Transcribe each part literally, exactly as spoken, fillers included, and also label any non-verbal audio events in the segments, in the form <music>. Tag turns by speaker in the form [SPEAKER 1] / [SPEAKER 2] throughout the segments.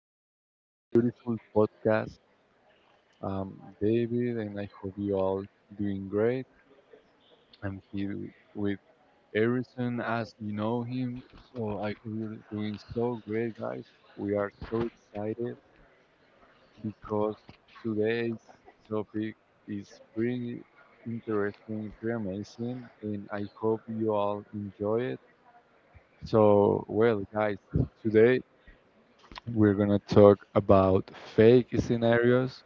[SPEAKER 1] to our beautiful podcast. I David, and I hope you all doing great. I'm here with Harrison, as you know him. So I hope you're doing so great, guys. We are so excited because today's topic is pretty interesting, pretty amazing, and I hope you all enjoy it. So, well, guys, today we're going to talk about fake scenarios,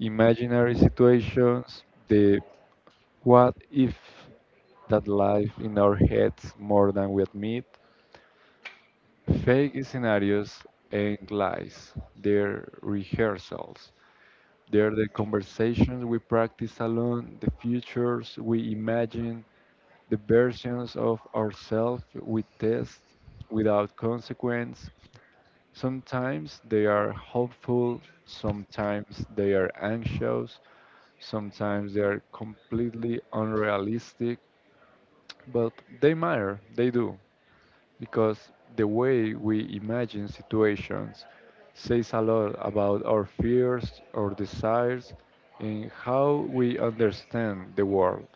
[SPEAKER 1] imaginary situations, the what if that live in our heads more than we admit. Fake scenarios and lies, they're rehearsals. They're the conversations we practice alone, the futures we imagine, the versions of ourselves we test without consequence. Sometimes they are hopeful, sometimes they are anxious, sometimes they are completely unrealistic, but they matter, they do, because the way we imagine situations says a lot about our fears, our desires, and how we understand the world.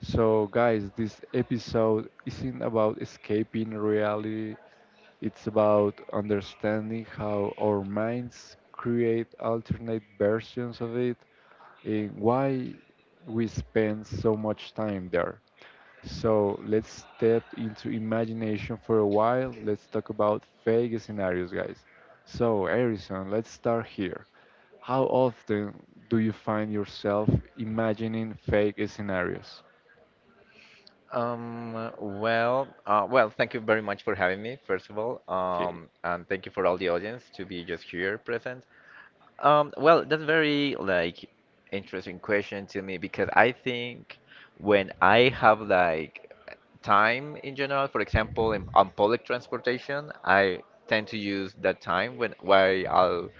[SPEAKER 1] So, guys, this episode isn't about escaping reality, it's about understanding how our minds create alternate versions of it and why we spend so much time there. So, let's step into imagination for a while. Let's talk about fake scenarios, guys. So, Harrison, let's start here. How often do you find yourself imagining fake scenarios?
[SPEAKER 2] Um, well, uh, well, thank you very much for having me, first of all,
[SPEAKER 1] Okay.
[SPEAKER 2] um, and thank you for all the audience to be just here present. Um, well, that's very like interesting question to me because I think when I have like time in general, for example, in, on public transportation, I tend to use that time when while I'll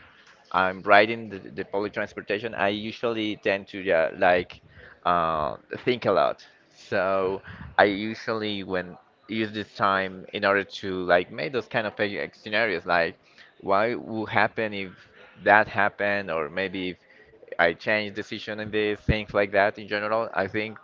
[SPEAKER 2] I'm riding the, the public transportation, I usually tend to, yeah, like, uh, think a lot. So I usually when use this time in order to like make those kind of eh, scenarios, like why would happen if that happened, or maybe if I change decision and this, things like that. In general, I think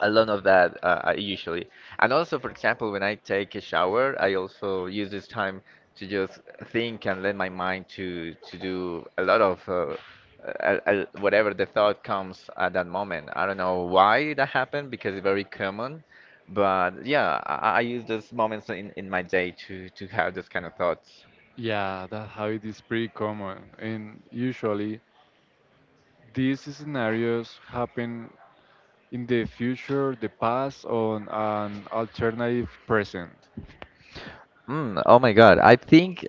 [SPEAKER 2] a lot of that, uh, I usually. And also, for example, when I take a shower, I also use this time to just think and let my mind to to do a lot of uh, uh, uh, whatever the thought comes at that moment. I don't know why that happened because it's very common, but yeah, I, I I use those moments in, in my day to to have those kind of thoughts.
[SPEAKER 1] Yeah, that habit is pretty common, and usually these scenarios happen in the future, the past, on an alternative present.
[SPEAKER 2] Mm, oh my God. I think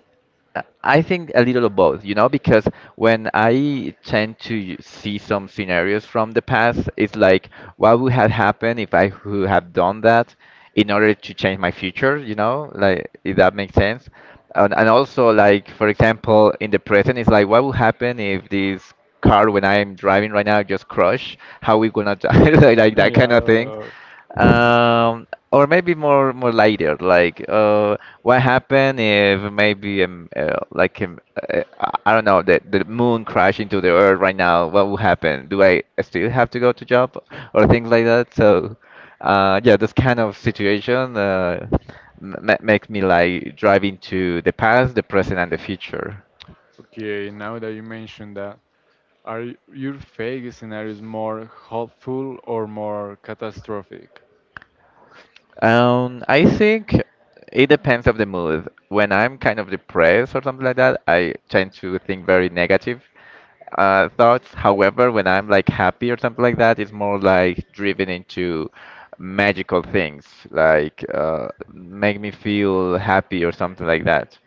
[SPEAKER 2] uh, I think a little of both, you know, because when I tend to see some scenarios from the past, it's like what would have happened if I would have done that in order to change my future, you know, like if that makes sense. And, and also like for example, in the present, it's like what would happen if this car when I'm driving right now just crush? How we gonna die? <laughs> Like,
[SPEAKER 1] <laughs>
[SPEAKER 2] like that
[SPEAKER 1] Yeah.
[SPEAKER 2] kind of thing.
[SPEAKER 1] uh, <laughs>
[SPEAKER 2] Um, or maybe more more later, like, uh, what happened if maybe um, uh, like um, uh, I I don't know, the the moon crash into the earth right now? What will happen? Do I still have to go to job or things like that? So, uh, yeah, this kind of situation, uh, m ma- makes me like drive into the past, the present, and the future.
[SPEAKER 1] Okay, now that you mentioned that, are y- your fake scenarios more hopeful or more catastrophic?
[SPEAKER 2] Um, I think it depends of the mood. When I'm kind of depressed or something like that, I tend to think very negative uh, thoughts. However, when I'm like happy or something like that, it's more like driven into magical things, like, uh, make me feel happy or something like that.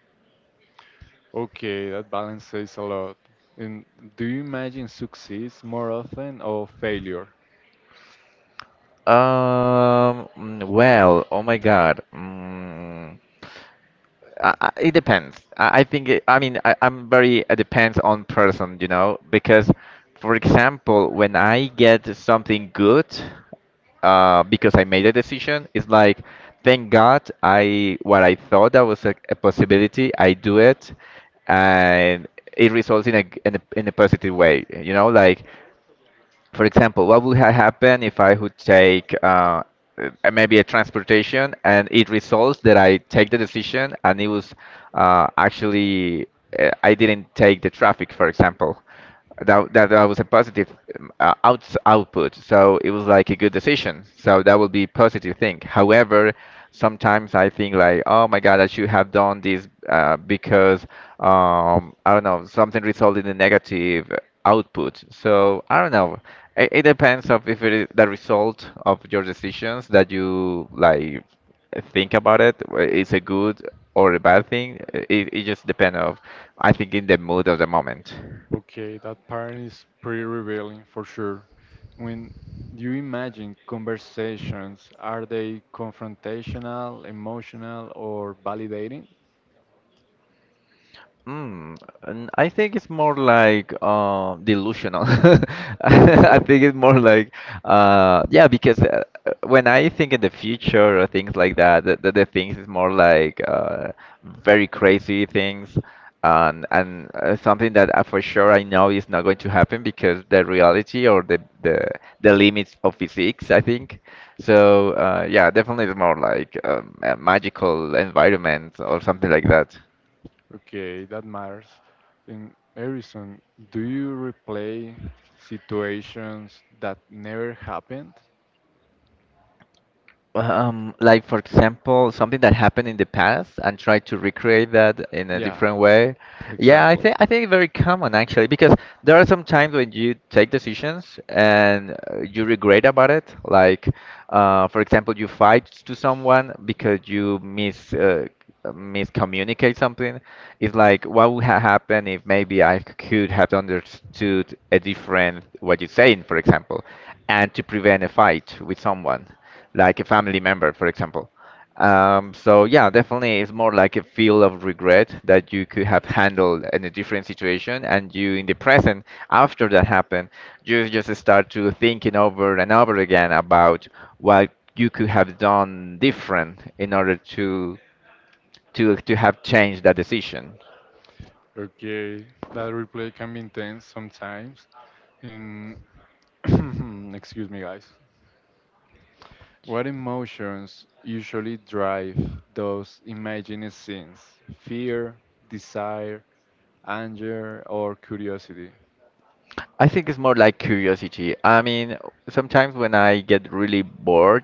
[SPEAKER 1] Okay, that balance says a lot. And do you imagine success more often or failure?
[SPEAKER 2] Um, mm, well, oh my God. Mm. I, I- it depends. I, I think it, I mean I, I'm very, it depends on person, you know, because for example, when I get something good, uh, because I made a decision, it's like thank God I what I thought that was a, a possibility, I do it, and it results in a, g- in a in a positive way, you know, like. For example, what would have happened if I would take uh, uh, maybe a transportation and it results that I take the decision and it was, uh, actually, uh, I didn't take the traffic, for example. That, that, that was a positive um, uh, outs output, so it was like a good decision. So that would be positive thing. However, sometimes I think like, oh my God, I should have done this, uh, because, um, I don't know, something resulted in negative output. So I don't know. It, it depends of if it is the result of your decisions that you like think about it. wh- It's a good or a bad thing. It, it just depends of, I think, in the mood of the moment.
[SPEAKER 1] Okay, that pattern is pretty revealing for sure. When you imagine conversations, are they confrontational, emotional, or validating?
[SPEAKER 2] Mm, and I think it's more like, uh, delusional. <laughs>
[SPEAKER 1] <laughs>
[SPEAKER 2] I
[SPEAKER 1] Okay.
[SPEAKER 2] think it's more like, uh, yeah, because, uh, uh, when I think in the future or things like that, the, the, the things is more like, uh, very crazy things, and and uh, something that I, for sure I know is not going to happen because the reality or the the, the limits of physics, I think. So, uh, yeah, definitely it's more like, um, a magical environment or something like that.
[SPEAKER 1] Okay, that matters. In Harrison, do you replay situations that never happened?
[SPEAKER 2] Um, like for example, something that happened in the past and try to recreate that in a
[SPEAKER 1] Yeah,
[SPEAKER 2] different way. Yeah, I
[SPEAKER 1] exactly.
[SPEAKER 2] think I think it's very common actually because there are some times when you take decisions and, uh, you regret about it. Like, uh, for example, you fight to someone because you mis uh, miscommunicate something. It's like what would have happened if maybe I could have understood a different what you're saying, for example, and to prevent a fight with someone like a family member, for example. Um, so yeah, definitely, it's more like a feel of regret that you could have handled in a different situation, and you in the present, after that happened, you just start to thinking over and over again about what you could have done different in order to to to have changed that decision.
[SPEAKER 1] Okay, that replay can be intense sometimes. And <clears throat> excuse me, guys. What emotions usually drive those imagined scenes? Fear, desire, anger, or curiosity?
[SPEAKER 2] I think it's more like curiosity. I mean, sometimes when I get really bored,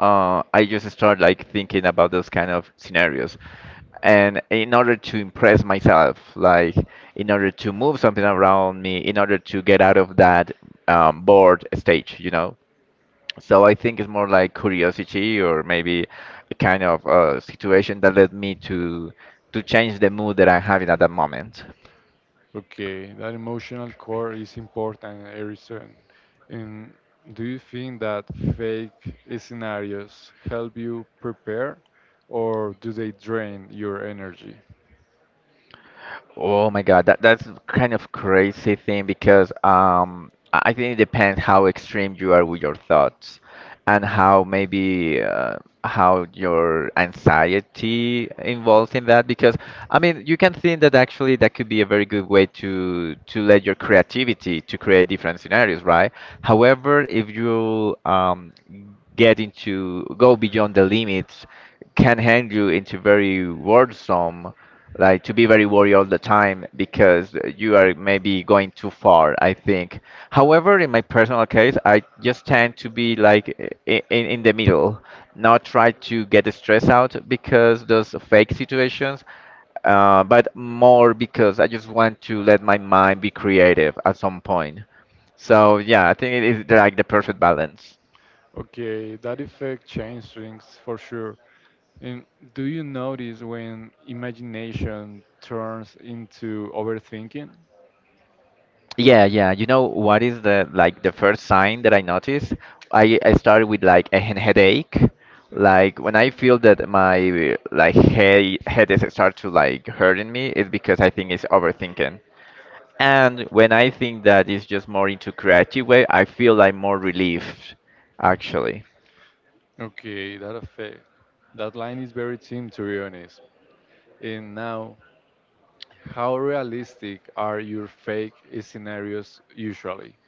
[SPEAKER 2] uh, I just start like thinking about those kind of scenarios. And in order to impress myself, like in order to move something around me, in order to get out of that, um, bored stage, you know? So I think it's more like curiosity or maybe a kind of, uh, situation that led me to to change the mood that I'm having at that moment.
[SPEAKER 1] Okay, that emotional core is important, Erison. And do you think that fake scenarios help you prepare, or do they drain your energy?
[SPEAKER 2] Oh my God, that that's kind of crazy thing because um I I think it depends how extreme you are with your thoughts and how maybe, uh, how your anxiety involves in that because I mean you can think that actually that could be a very good way to to let your creativity to create different scenarios, right? However, if you um get into go beyond the limits can hand you into very worrisome, like to be very worried all the time because you are maybe going too far, I think. However, in my personal case, I just tend to be like in, in, in the middle, not try to get stressed out because those fake situations, uh, but more because I just want to let my mind be creative at some point. So yeah, I think it is like the perfect balance.
[SPEAKER 1] Okay, that effect changes things for sure. And do you notice when imagination turns into overthinking?
[SPEAKER 2] Yeah, yeah. You know what is the, like, the first sign that I noticed? I I started with like a hen- headache. Like when I feel that my like head head is start to like hurting me, it's because I think it's overthinking. And when I think that it's just more into creative way, I feel like more relieved, actually.
[SPEAKER 1] Okay, that effect. That line is very thin, to be honest. And now, how realistic are your fake scenarios usually?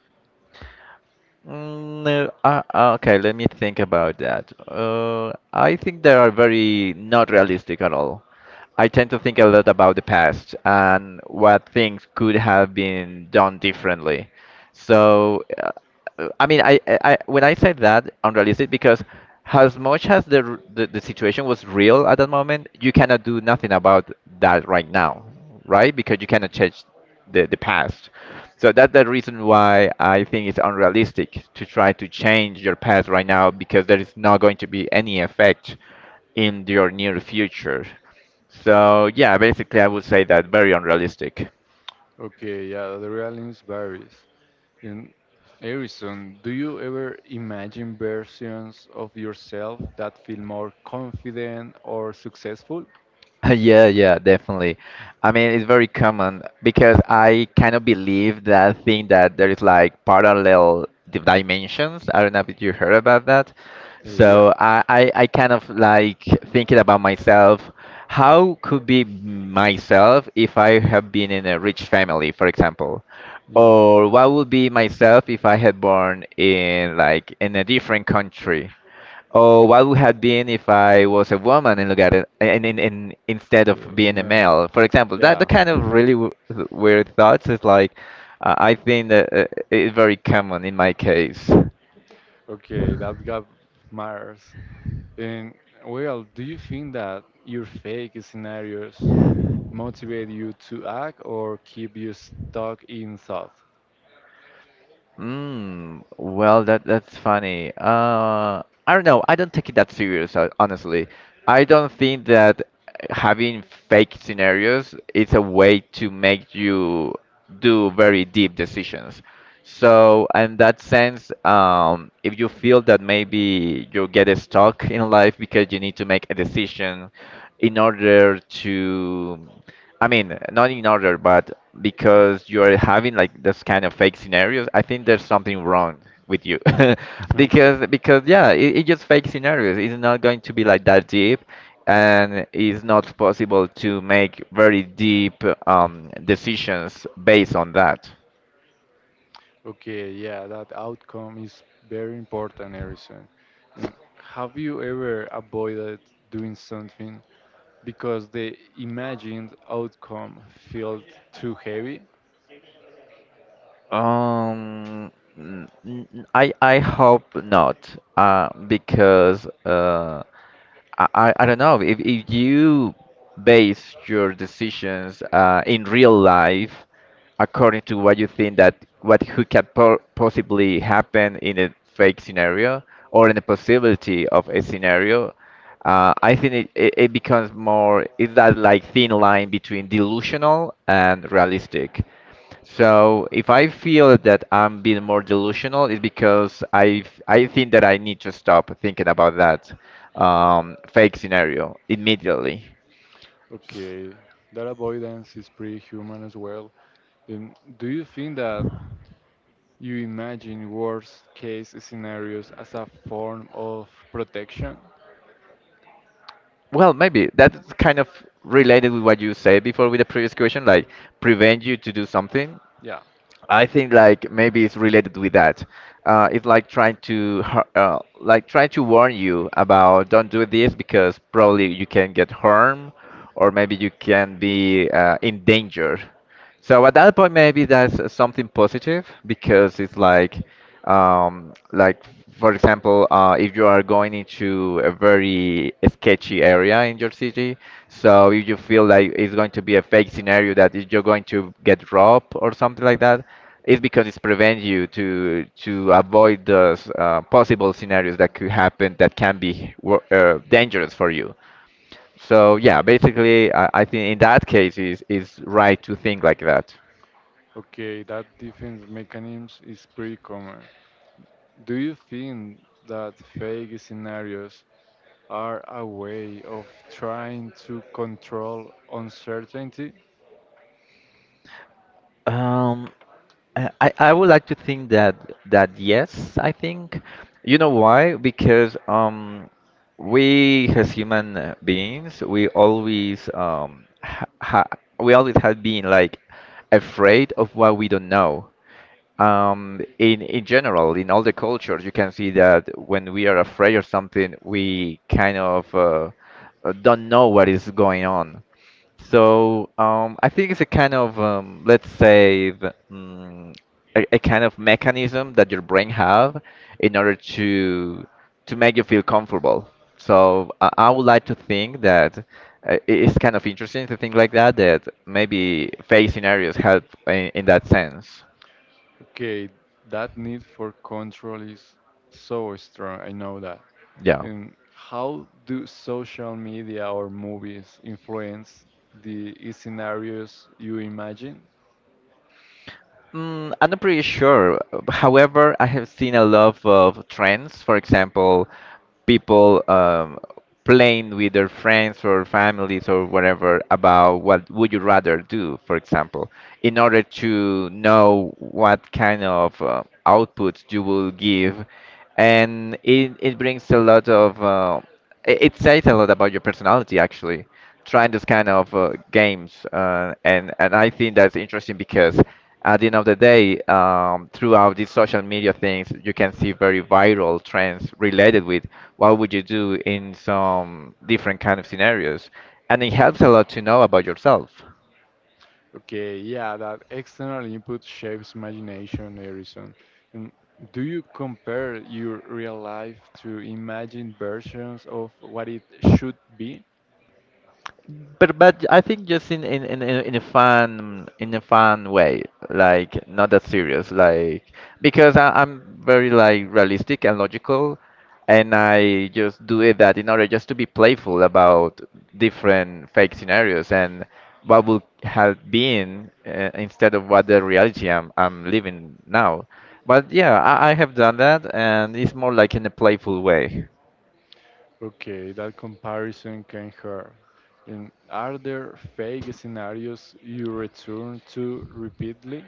[SPEAKER 2] Mm, no, uh, uh, okay, let me think about that. Uh, I think they are very not realistic at all. I tend to think a lot about the past and what things could have been done differently. So, uh, uh, I mean, I, I I- when I say that, unrealistic because as much as the, r- the the situation was real at that moment, you cannot do nothing about that right now, right? Because you cannot change the the past. So that's the reason why I think it's unrealistic to try to change your past right now because there is not going to be any effect in your near future. So yeah, basically I would say that very unrealistic. <laughs>
[SPEAKER 1] Okay, yeah, the realism varies. In Harrison, do you ever imagine versions of yourself that feel more confident or successful?
[SPEAKER 2] Yeah, yeah, definitely. I mean, it's very common because I kind of believe that thing that there is like parallel di- dimensions. I don't know if you heard about that.
[SPEAKER 1] Uh, yeah,
[SPEAKER 2] So I, I, I kind of like thinking about myself. How could be myself if I have been in a rich family, for example?
[SPEAKER 1] yeah,
[SPEAKER 2] Or what would be myself if I had born in, like, in a different country? Or what would have been if I was a woman and look at it, and, and, and instead
[SPEAKER 1] yeah,
[SPEAKER 2] of
[SPEAKER 1] for
[SPEAKER 2] being a
[SPEAKER 1] men.
[SPEAKER 2] male, for example, that the
[SPEAKER 1] Yeah.
[SPEAKER 2] kind of
[SPEAKER 1] <laughs>
[SPEAKER 2] really w weird thoughts is like, uh, I think that, uh, it's very common in my case.
[SPEAKER 1] Okay, that gap matters. And, well, do you think that your fake scenarios motivate you to act or keep you stuck in thought?
[SPEAKER 2] Mm, well, that that's funny. Uh, I don't know. I don't take it that serious, uh, honestly. I don't think that having fake scenarios is a way to make you do very deep decisions. So, in that sense, um, if you feel that maybe you get stuck in life because you need to make a decision in order to, I mean, not in order, but because you're having like this kind of fake scenarios, I think there's something wrong with you.
[SPEAKER 1] <laughs>
[SPEAKER 2] <laughs>
[SPEAKER 1] Okay.
[SPEAKER 2] Because because yeah, it, it just fake scenarios. It's not going to be like that deep, and it's not possible to make very deep, um, decisions based on that.
[SPEAKER 1] Okay, yeah, that outcome is very important, Harrison. Um, Have you ever avoided doing something because the imagined outcome felt too heavy?
[SPEAKER 2] Um, n- n- I I hope not, uh, because uh, I, I I don't know if, if you base your decisions uh, in real life according to what you think that what who can po possibly happen in a fake scenario or in the possibility of a scenario. uh, I think it, it, it becomes more is that like thin line between delusional and realistic. So if I feel that I'm being more delusional, it's because I I think that I need to stop thinking about that um, fake scenario immediately.
[SPEAKER 1] Okay, that avoidance is pretty human as well. Um, do you think that you imagine worst case scenarios as a form of protection?
[SPEAKER 2] Well, maybe that's kind of related with what you said before with the previous question, like prevent you to do something.
[SPEAKER 1] Yeah.
[SPEAKER 2] I think like maybe it's related with that. Uh, it's like trying to har- uh, like trying to warn you about don't do this because probably you can get harmed or maybe you can be uh, in danger. So at that point, maybe that's uh, something positive because it's like, um, like, for example, uh, if you are going into a very sketchy area in your city, so if you feel like it's going to be a fake scenario that is- you're going to get robbed or something like that, it's because it's prevent you to to avoid those uh, possible scenarios that could happen that can be wor- uh, dangerous for you. So yeah, basically, I, I think in that case, is is right to think like that.
[SPEAKER 1] Okay, that defense mechanism is pretty common. Do you think that fake scenarios are a way of trying to control uncertainty?
[SPEAKER 2] Um, I, I I would like to think that that yes, I think. You know why? Because um, we as human uh, beings, we always um, ha ha we always have been like afraid of what we don't know. Um, in in general, in all the cultures, you can see that when we are afraid of something, we kind of uh, uh, don't know what is going on. So um, I think it's a kind of um, let's say the, mm, a, a kind of mechanism that your brain have in order to to make you feel comfortable. So I, I would like to think that uh, i- it's kind of interesting to think like that, that maybe fake scenarios help in, in that sense.
[SPEAKER 1] Okay, that need for control is so strong, I know that.
[SPEAKER 2] Yeah.
[SPEAKER 1] And how do social media or movies influence the scenarios you imagine?
[SPEAKER 2] Mm, I'm not pretty sure. However, I have seen a lot of trends. For example, people um, playing with their friends or families or whatever about what would you rather do, for example, in order to know what kind of uh, output you will give. And it, it brings a lot of, uh, it it says a lot about your personality, actually trying this kind of uh, games, uh, and and I think that's interesting because at the end of the day, um, throughout these social media things you can see very viral trends related with what would you do in some different kind of scenarios, and it helps a lot to know about yourself.
[SPEAKER 1] Okay, yeah, that external input shapes imagination, Harrison. And do you compare your real life to imagined versions of what it should be?
[SPEAKER 2] But but I think just in in in in in a fun in a fun way, like, not that serious, like, because I, I'm very like realistic and logical, and I just do it that in order just to be playful about different fake scenarios and what would have been, uh, instead of what the reality I'm I'm living now. But yeah, I, I have done that, and it's more like in a playful way.
[SPEAKER 1] Okay, that comparison can hurt. And are there fake scenarios you return to repeatedly?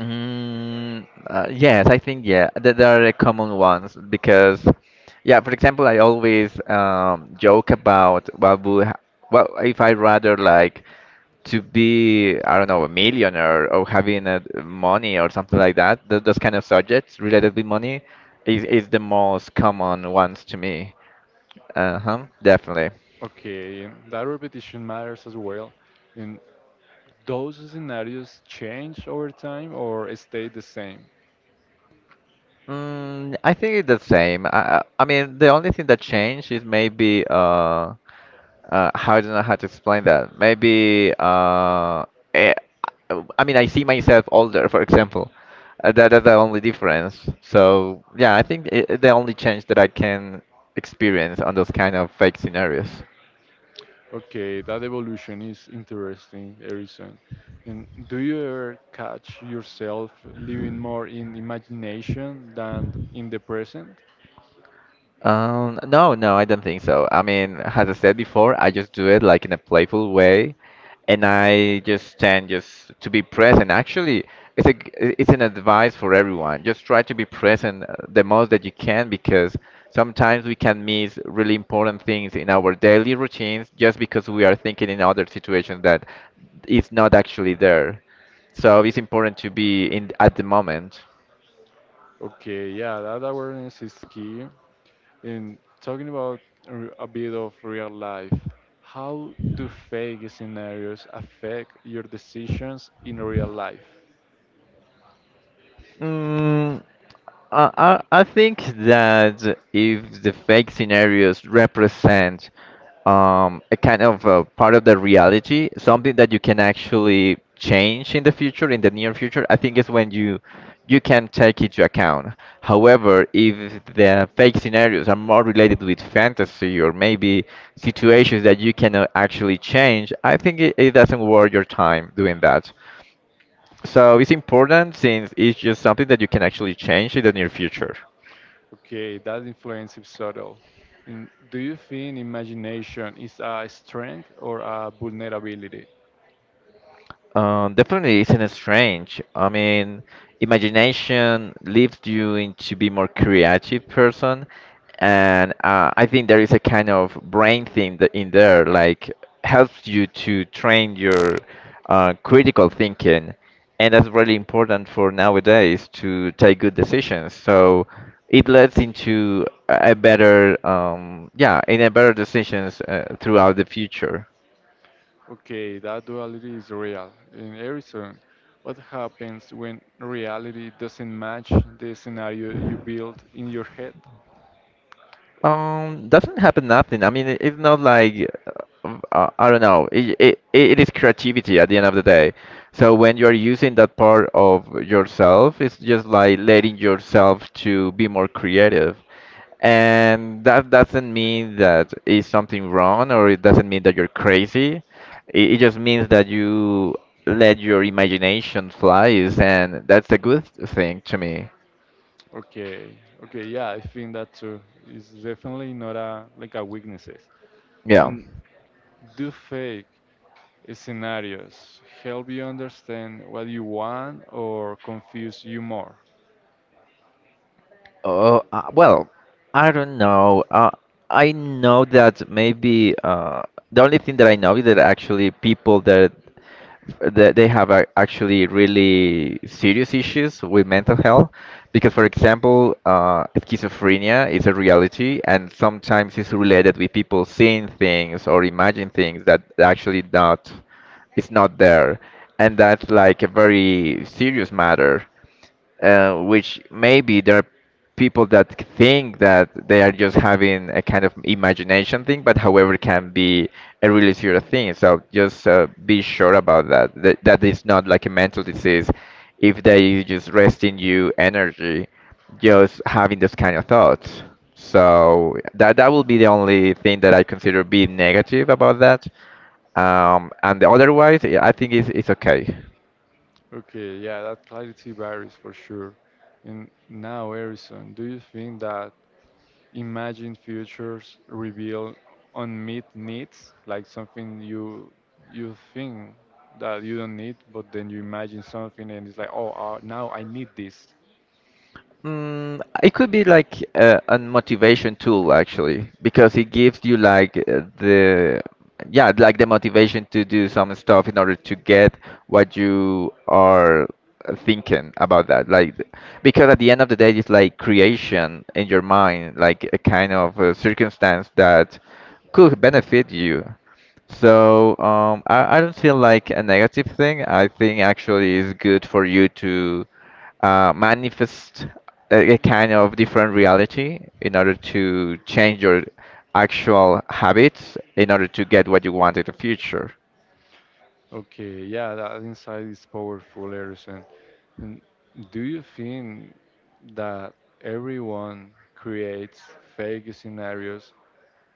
[SPEAKER 2] Mm, uh, yes, I think, yeah, that there are the common ones because, yeah, for example, I always um, joke about what would ha what if I rather like to be, I don't know, a millionaire or having uh money or something like that. Th those kind of subjects related with money is is the most common ones to me. Uh-huh, definitely.
[SPEAKER 1] Okay, and that repetition matters as well. And those scenarios change over time or stay the same?
[SPEAKER 2] Mm, I think it's the same. I I I mean, the only thing that changed is maybe uh. Uh, I don't know how to explain that. Maybe uh, eh, I mean, I see myself older, for example. Uh, that is the only difference. So yeah, I think it, the only change that I can experience on those kind of fake scenarios.
[SPEAKER 1] Okay, that evolution is interesting, Erison. And do you ever catch yourself living more in imagination than in the present?
[SPEAKER 2] Um, no, no, I don't think so. I mean, as I said before, I just do it like in a playful way, and I just tend just to be present. Actually, it's a g- I- it's an advice for everyone. Just try to be present, uh, the most that you can, because sometimes we can miss really important things in our daily routines just because we are thinking in other situations that is not actually there. So it's important to be in at the moment.
[SPEAKER 1] Okay, yeah, that awareness is key. And talking about r- a bit of real life, how do fake scenarios affect your decisions in real life?
[SPEAKER 2] Mm, I, I I think that if the fake scenarios represent um, a kind of a part of the reality, something that you can actually change in the future, in the near future, I think is when you you can take into account. However, if the fake scenarios are more related with fantasy or maybe situations that you cannot actually change, I think it, it doesn't worth your time doing that. So it's important since it's just something that you can actually change in the near future.
[SPEAKER 1] Okay, that influence is subtle. And do you think imagination is a strength or a vulnerability?
[SPEAKER 2] Um, definitely, isn't it strange? I mean, imagination leads you into be more creative person, and uh, I think there is a kind of brain thing that in there, like helps you to train your uh, critical thinking, and that's really important for nowadays to take good decisions. So it leads into a a better, um, yeah, in a better decisions, uh, throughout the future.
[SPEAKER 1] Okay, that duality is real. In Arizona, what happens when reality doesn't match the scenario you build in your head?
[SPEAKER 2] Um, doesn't happen nothing. I mean, it- it's not like, uh, uh, I don't know. It, it it is creativity at the end of the day. So when you're using that part of yourself, it's just like letting yourself to be more creative. And that doesn't mean that is something wrong, or it doesn't mean that you're crazy. It, it just means that you let your imagination flies, and that's a good thing to me.
[SPEAKER 1] Okay, okay, yeah, I think that too. It's definitely not a like a weaknesses.
[SPEAKER 2] Yeah.
[SPEAKER 1] And do fake scenarios help you understand what you want or confuse you more?
[SPEAKER 2] Oh, uh, well, I don't know. Uh, I know that maybe, uh, the only thing that I know is that actually people that that they have a, actually really serious issues with mental health, because, for example, uh, schizophrenia is a reality, and sometimes it's related with people seeing things or imagine things that actually not, it's not there, and that's like a very serious matter, uh, which maybe there are people that think that they are just having a kind of imagination thing, but, however, can be a really serious thing. So just, uh, be sure about that, that that is not like a mental disease. If they just resting you energy, just having those kind of thoughts. So that that will be the only thing that I consider being negative about that. Um, and otherwise, I think it's, it's okay.
[SPEAKER 1] Okay, yeah, that clarity varies for sure. And now, Harrison, do you think that imagine futures reveal unmet needs, like something you you think that you don't need, but then you imagine something and it's like, oh, uh, now I need this.
[SPEAKER 2] Mm, it could be like a, a motivation tool, actually, because it gives you like, uh, the yeah, like the motivation to do some stuff in order to get what you are thinking about that. Like, because at the end of the day, it's like creation in your mind, like a kind of uh circumstance that could benefit you, so, um, I, I don't feel like a negative thing. I think actually it's good for you to, uh, manifest a, a kind of different reality in order to change your actual habits in order to get what you want in the future.
[SPEAKER 1] Okay, yeah, that insight is powerful, Erison. And do you think that everyone creates fake scenarios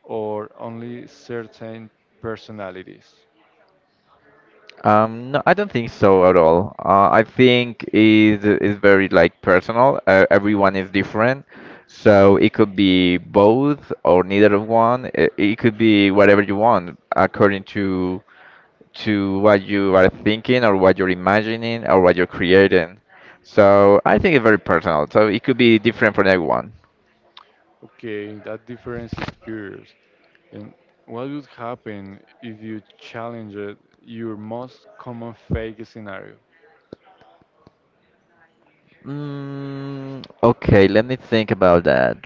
[SPEAKER 1] or only certain personalities?
[SPEAKER 2] Um, no, I don't think so at all. Uh, I think it is very like personal. Uh, everyone is different, so it could be both or neither of one. It, it could be whatever you want according to to what you are thinking or what you're imagining or what you're creating. So I think it's very personal. So it could be different for everyone.
[SPEAKER 1] Okay, that difference is curious. And what would happen if you challenged your most common fake scenario?
[SPEAKER 2] Mm, okay, let me think about that.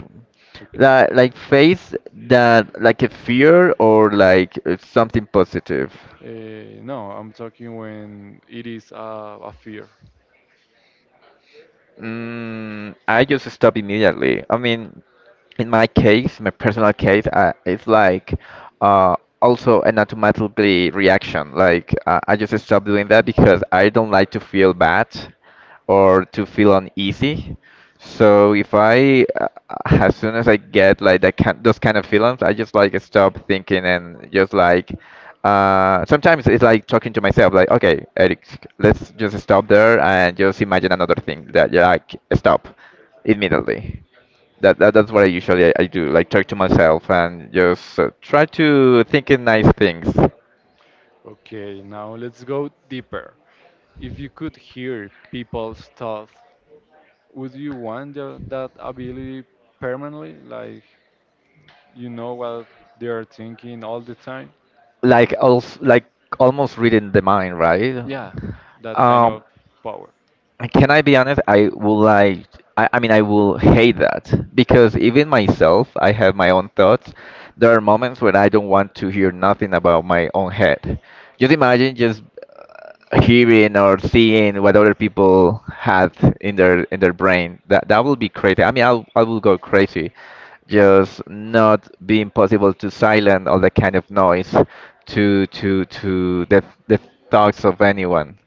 [SPEAKER 1] Okay.
[SPEAKER 2] That like face that like a fear or like, uh, something positive.
[SPEAKER 1] Uh, no, I'm talking when it is a, a fear.
[SPEAKER 2] Mm, I just stop immediately. I mean, in my case, my personal case, uh, it's like, uh, also an automatically reaction. Like, uh, I just stopped doing that because I don't like to feel bad or to feel uneasy. So if I, uh, as soon as I get like that kind, those kind of feelings, I just like stop thinking and just like. Uh, sometimes it's like talking to myself, like, okay, Eric, let's just stop there and just imagine another thing that you're like, stop immediately. That, that that's what I usually I, I do, like talk to myself and just, uh, try to think in nice things,
[SPEAKER 1] Okay, now let's go deeper. If you could hear people's thoughts, would you want the, that ability permanently? Like, you know what they are thinking all the time?
[SPEAKER 2] like, also, like almost reading the mind, right?
[SPEAKER 1] Yeah, that kind
[SPEAKER 2] Um,
[SPEAKER 1] of power.
[SPEAKER 2] can I be honest? I will like I, I mean, I will hate that because even myself, I have my own thoughts. There are moments when I don't want to hear nothing about my own head. Just imagine just, uh, hearing or seeing what other people had in their in their brain, that that will be crazy. I mean, i'll I will go crazy just not being possible to silence all that kind of noise to to to the the thoughts of anyone.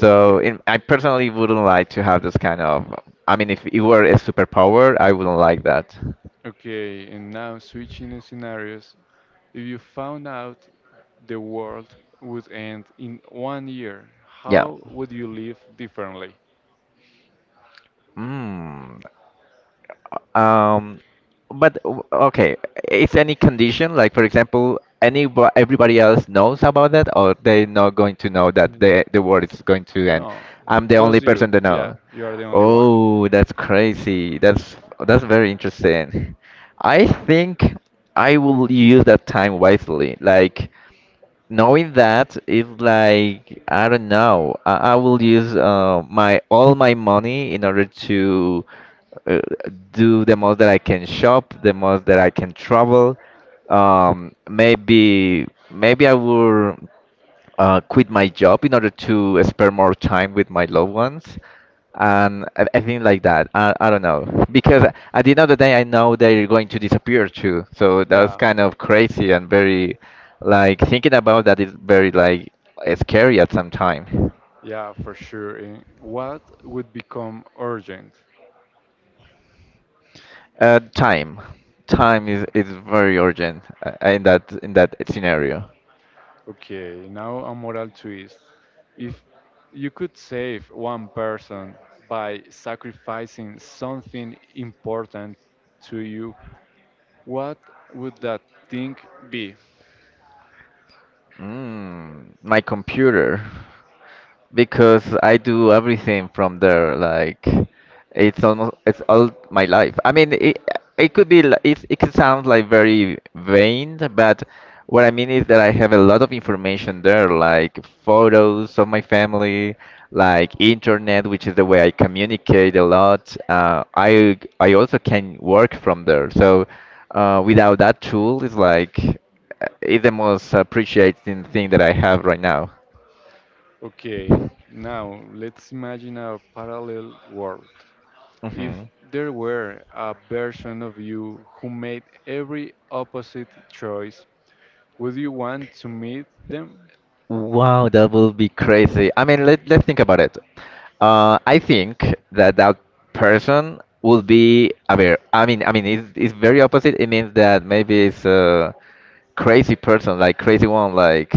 [SPEAKER 1] Okay.
[SPEAKER 2] in, I personally wouldn't like to have this kind of. I mean, if it were a superpower, I wouldn't like that.
[SPEAKER 1] Okay, and now switching the scenarios. If you found out the world would end in one year,
[SPEAKER 2] Yeah.
[SPEAKER 1] how would you live differently?
[SPEAKER 2] Mm, Um, but w- okay, is any condition like, for example, any everybody else knows about that, or they're not going to know that the
[SPEAKER 1] Mm,
[SPEAKER 2] the world is going to end?
[SPEAKER 1] No,
[SPEAKER 2] I'm the only
[SPEAKER 1] just you.
[SPEAKER 2] person that
[SPEAKER 1] Yeah,
[SPEAKER 2] know.
[SPEAKER 1] you are the only one.
[SPEAKER 2] Oh, that's crazy. That's that's very interesting. I think I will use that time wisely. Like, knowing that is like, I don't know. I, I will use, uh, my all my money in order to, uh, do the most that I can shop, the most that I can travel. Um, maybe maybe I will, uh, quit my job in order to spend more time with my loved ones, and I, I think like that, I, I don't know, because at the end of the day I know they're going to disappear too, so that's
[SPEAKER 1] Yeah,
[SPEAKER 2] kind of crazy and very, like, thinking about that is very like scary at some time.
[SPEAKER 1] yeah, for sure. And what would become urgent?
[SPEAKER 2] Uh, time time is, is very urgent, uh, in that in that scenario.
[SPEAKER 1] Okay, now a moral twist. If you could save one person by sacrificing something important to you, what would that thing be?
[SPEAKER 2] Mm, my computer, because I do everything from there. Like, it's almost it's all my life. I mean, it it could be li- it it could sound like very vain, but what I mean is that I have a lot of information there, like photos of my family, like internet, which is the way I communicate a lot. Uh, I I also can work from there. So, uh, without that tool, it's like uh, it's the most appreciating thing that I have right now.
[SPEAKER 1] Okay, now let's imagine a parallel world.
[SPEAKER 2] Hmm.
[SPEAKER 1] If there were a version of you who made every opposite choice, would you want to meet them?
[SPEAKER 2] Wow, that will be crazy. I mean, let, let's think about it. Uh, I think that that person will be aware. I mean, I mean, it's, it's very opposite. It means that maybe it's uh, crazy person, like crazy one, like,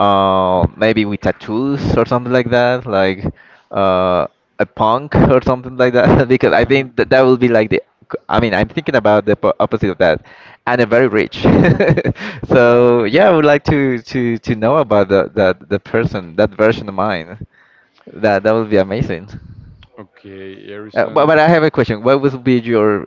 [SPEAKER 2] uh, maybe with tattoos or something like that, like, uh, a punk or something like that. <laughs> Because I think that
[SPEAKER 1] <laughs>
[SPEAKER 2] that will be like the. I mean, I'm thinking about the po- opposite of that, and a very rich. <laughs>
[SPEAKER 1] Yeah,
[SPEAKER 2] So yeah, I would like to to to know about the that the the person, that version of mine. That that would be amazing.
[SPEAKER 1] okay,
[SPEAKER 2] Uh, but, but
[SPEAKER 1] Harrison.
[SPEAKER 2] I have a question. What would be your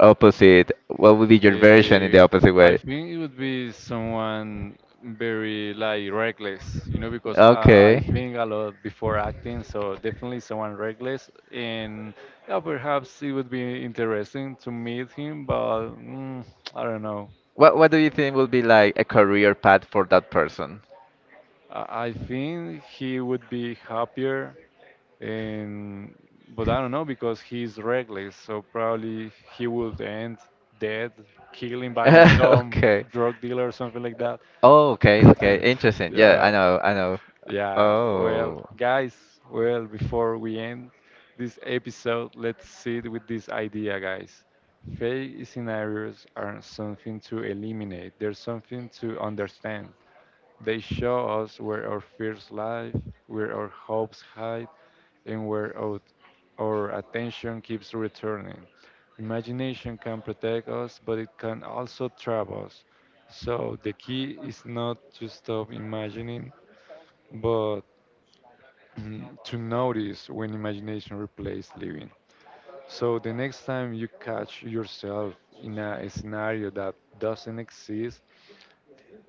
[SPEAKER 2] opposite? What would be your version in
[SPEAKER 1] Uh,
[SPEAKER 2] the opposite
[SPEAKER 1] I
[SPEAKER 2] way?
[SPEAKER 1] think it would be someone very like reckless, you know, because I, I
[SPEAKER 2] Okay.
[SPEAKER 1] think a lot before acting, so definitely someone reckless. And yeah, perhaps it would be interesting to meet him, but mm, I don't know.
[SPEAKER 2] What What do you think will be like a career path for that person?
[SPEAKER 1] I, I think he would be happier, and but I don't know
[SPEAKER 2] <laughs>
[SPEAKER 1] because he's reckless, so probably he would end dead, killing by some
[SPEAKER 2] Okay.
[SPEAKER 1] drug dealer or something like that.
[SPEAKER 2] Oh, okay, okay.
[SPEAKER 1] <laughs>
[SPEAKER 2] Interesting. Yeah,
[SPEAKER 1] Yeah,
[SPEAKER 2] I know, I know.
[SPEAKER 1] yeah. Well,
[SPEAKER 2] Oh,
[SPEAKER 1] guys, well, before we end this episode, let's sit with this idea, guys. Fake scenarios are something to eliminate, they're something to understand. They show us where our fears lie, where our hopes hide, and where out our attention keeps returning. Imagination can protect us, but it can also trap us. So the key is not to stop imagining, but <clears throat> to notice when imagination replaces living. So the next time you catch yourself in a scenario that doesn't exist,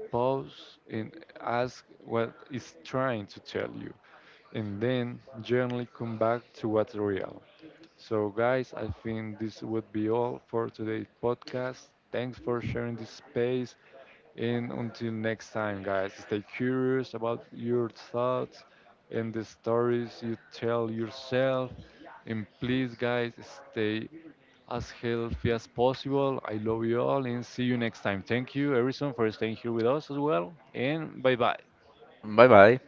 [SPEAKER 1] pause and ask what it's trying to tell you, and then gently come back to what's real. So, guys, I think this would be all for today's podcast. Thanks for sharing this space. And until next time, guys, stay curious about your thoughts and the stories you tell yourself. And please, guys, stay as healthy as possible. I love you all and see you next time. Thank you, Harrison, for staying here with us as well. And bye bye.
[SPEAKER 2] bye bye.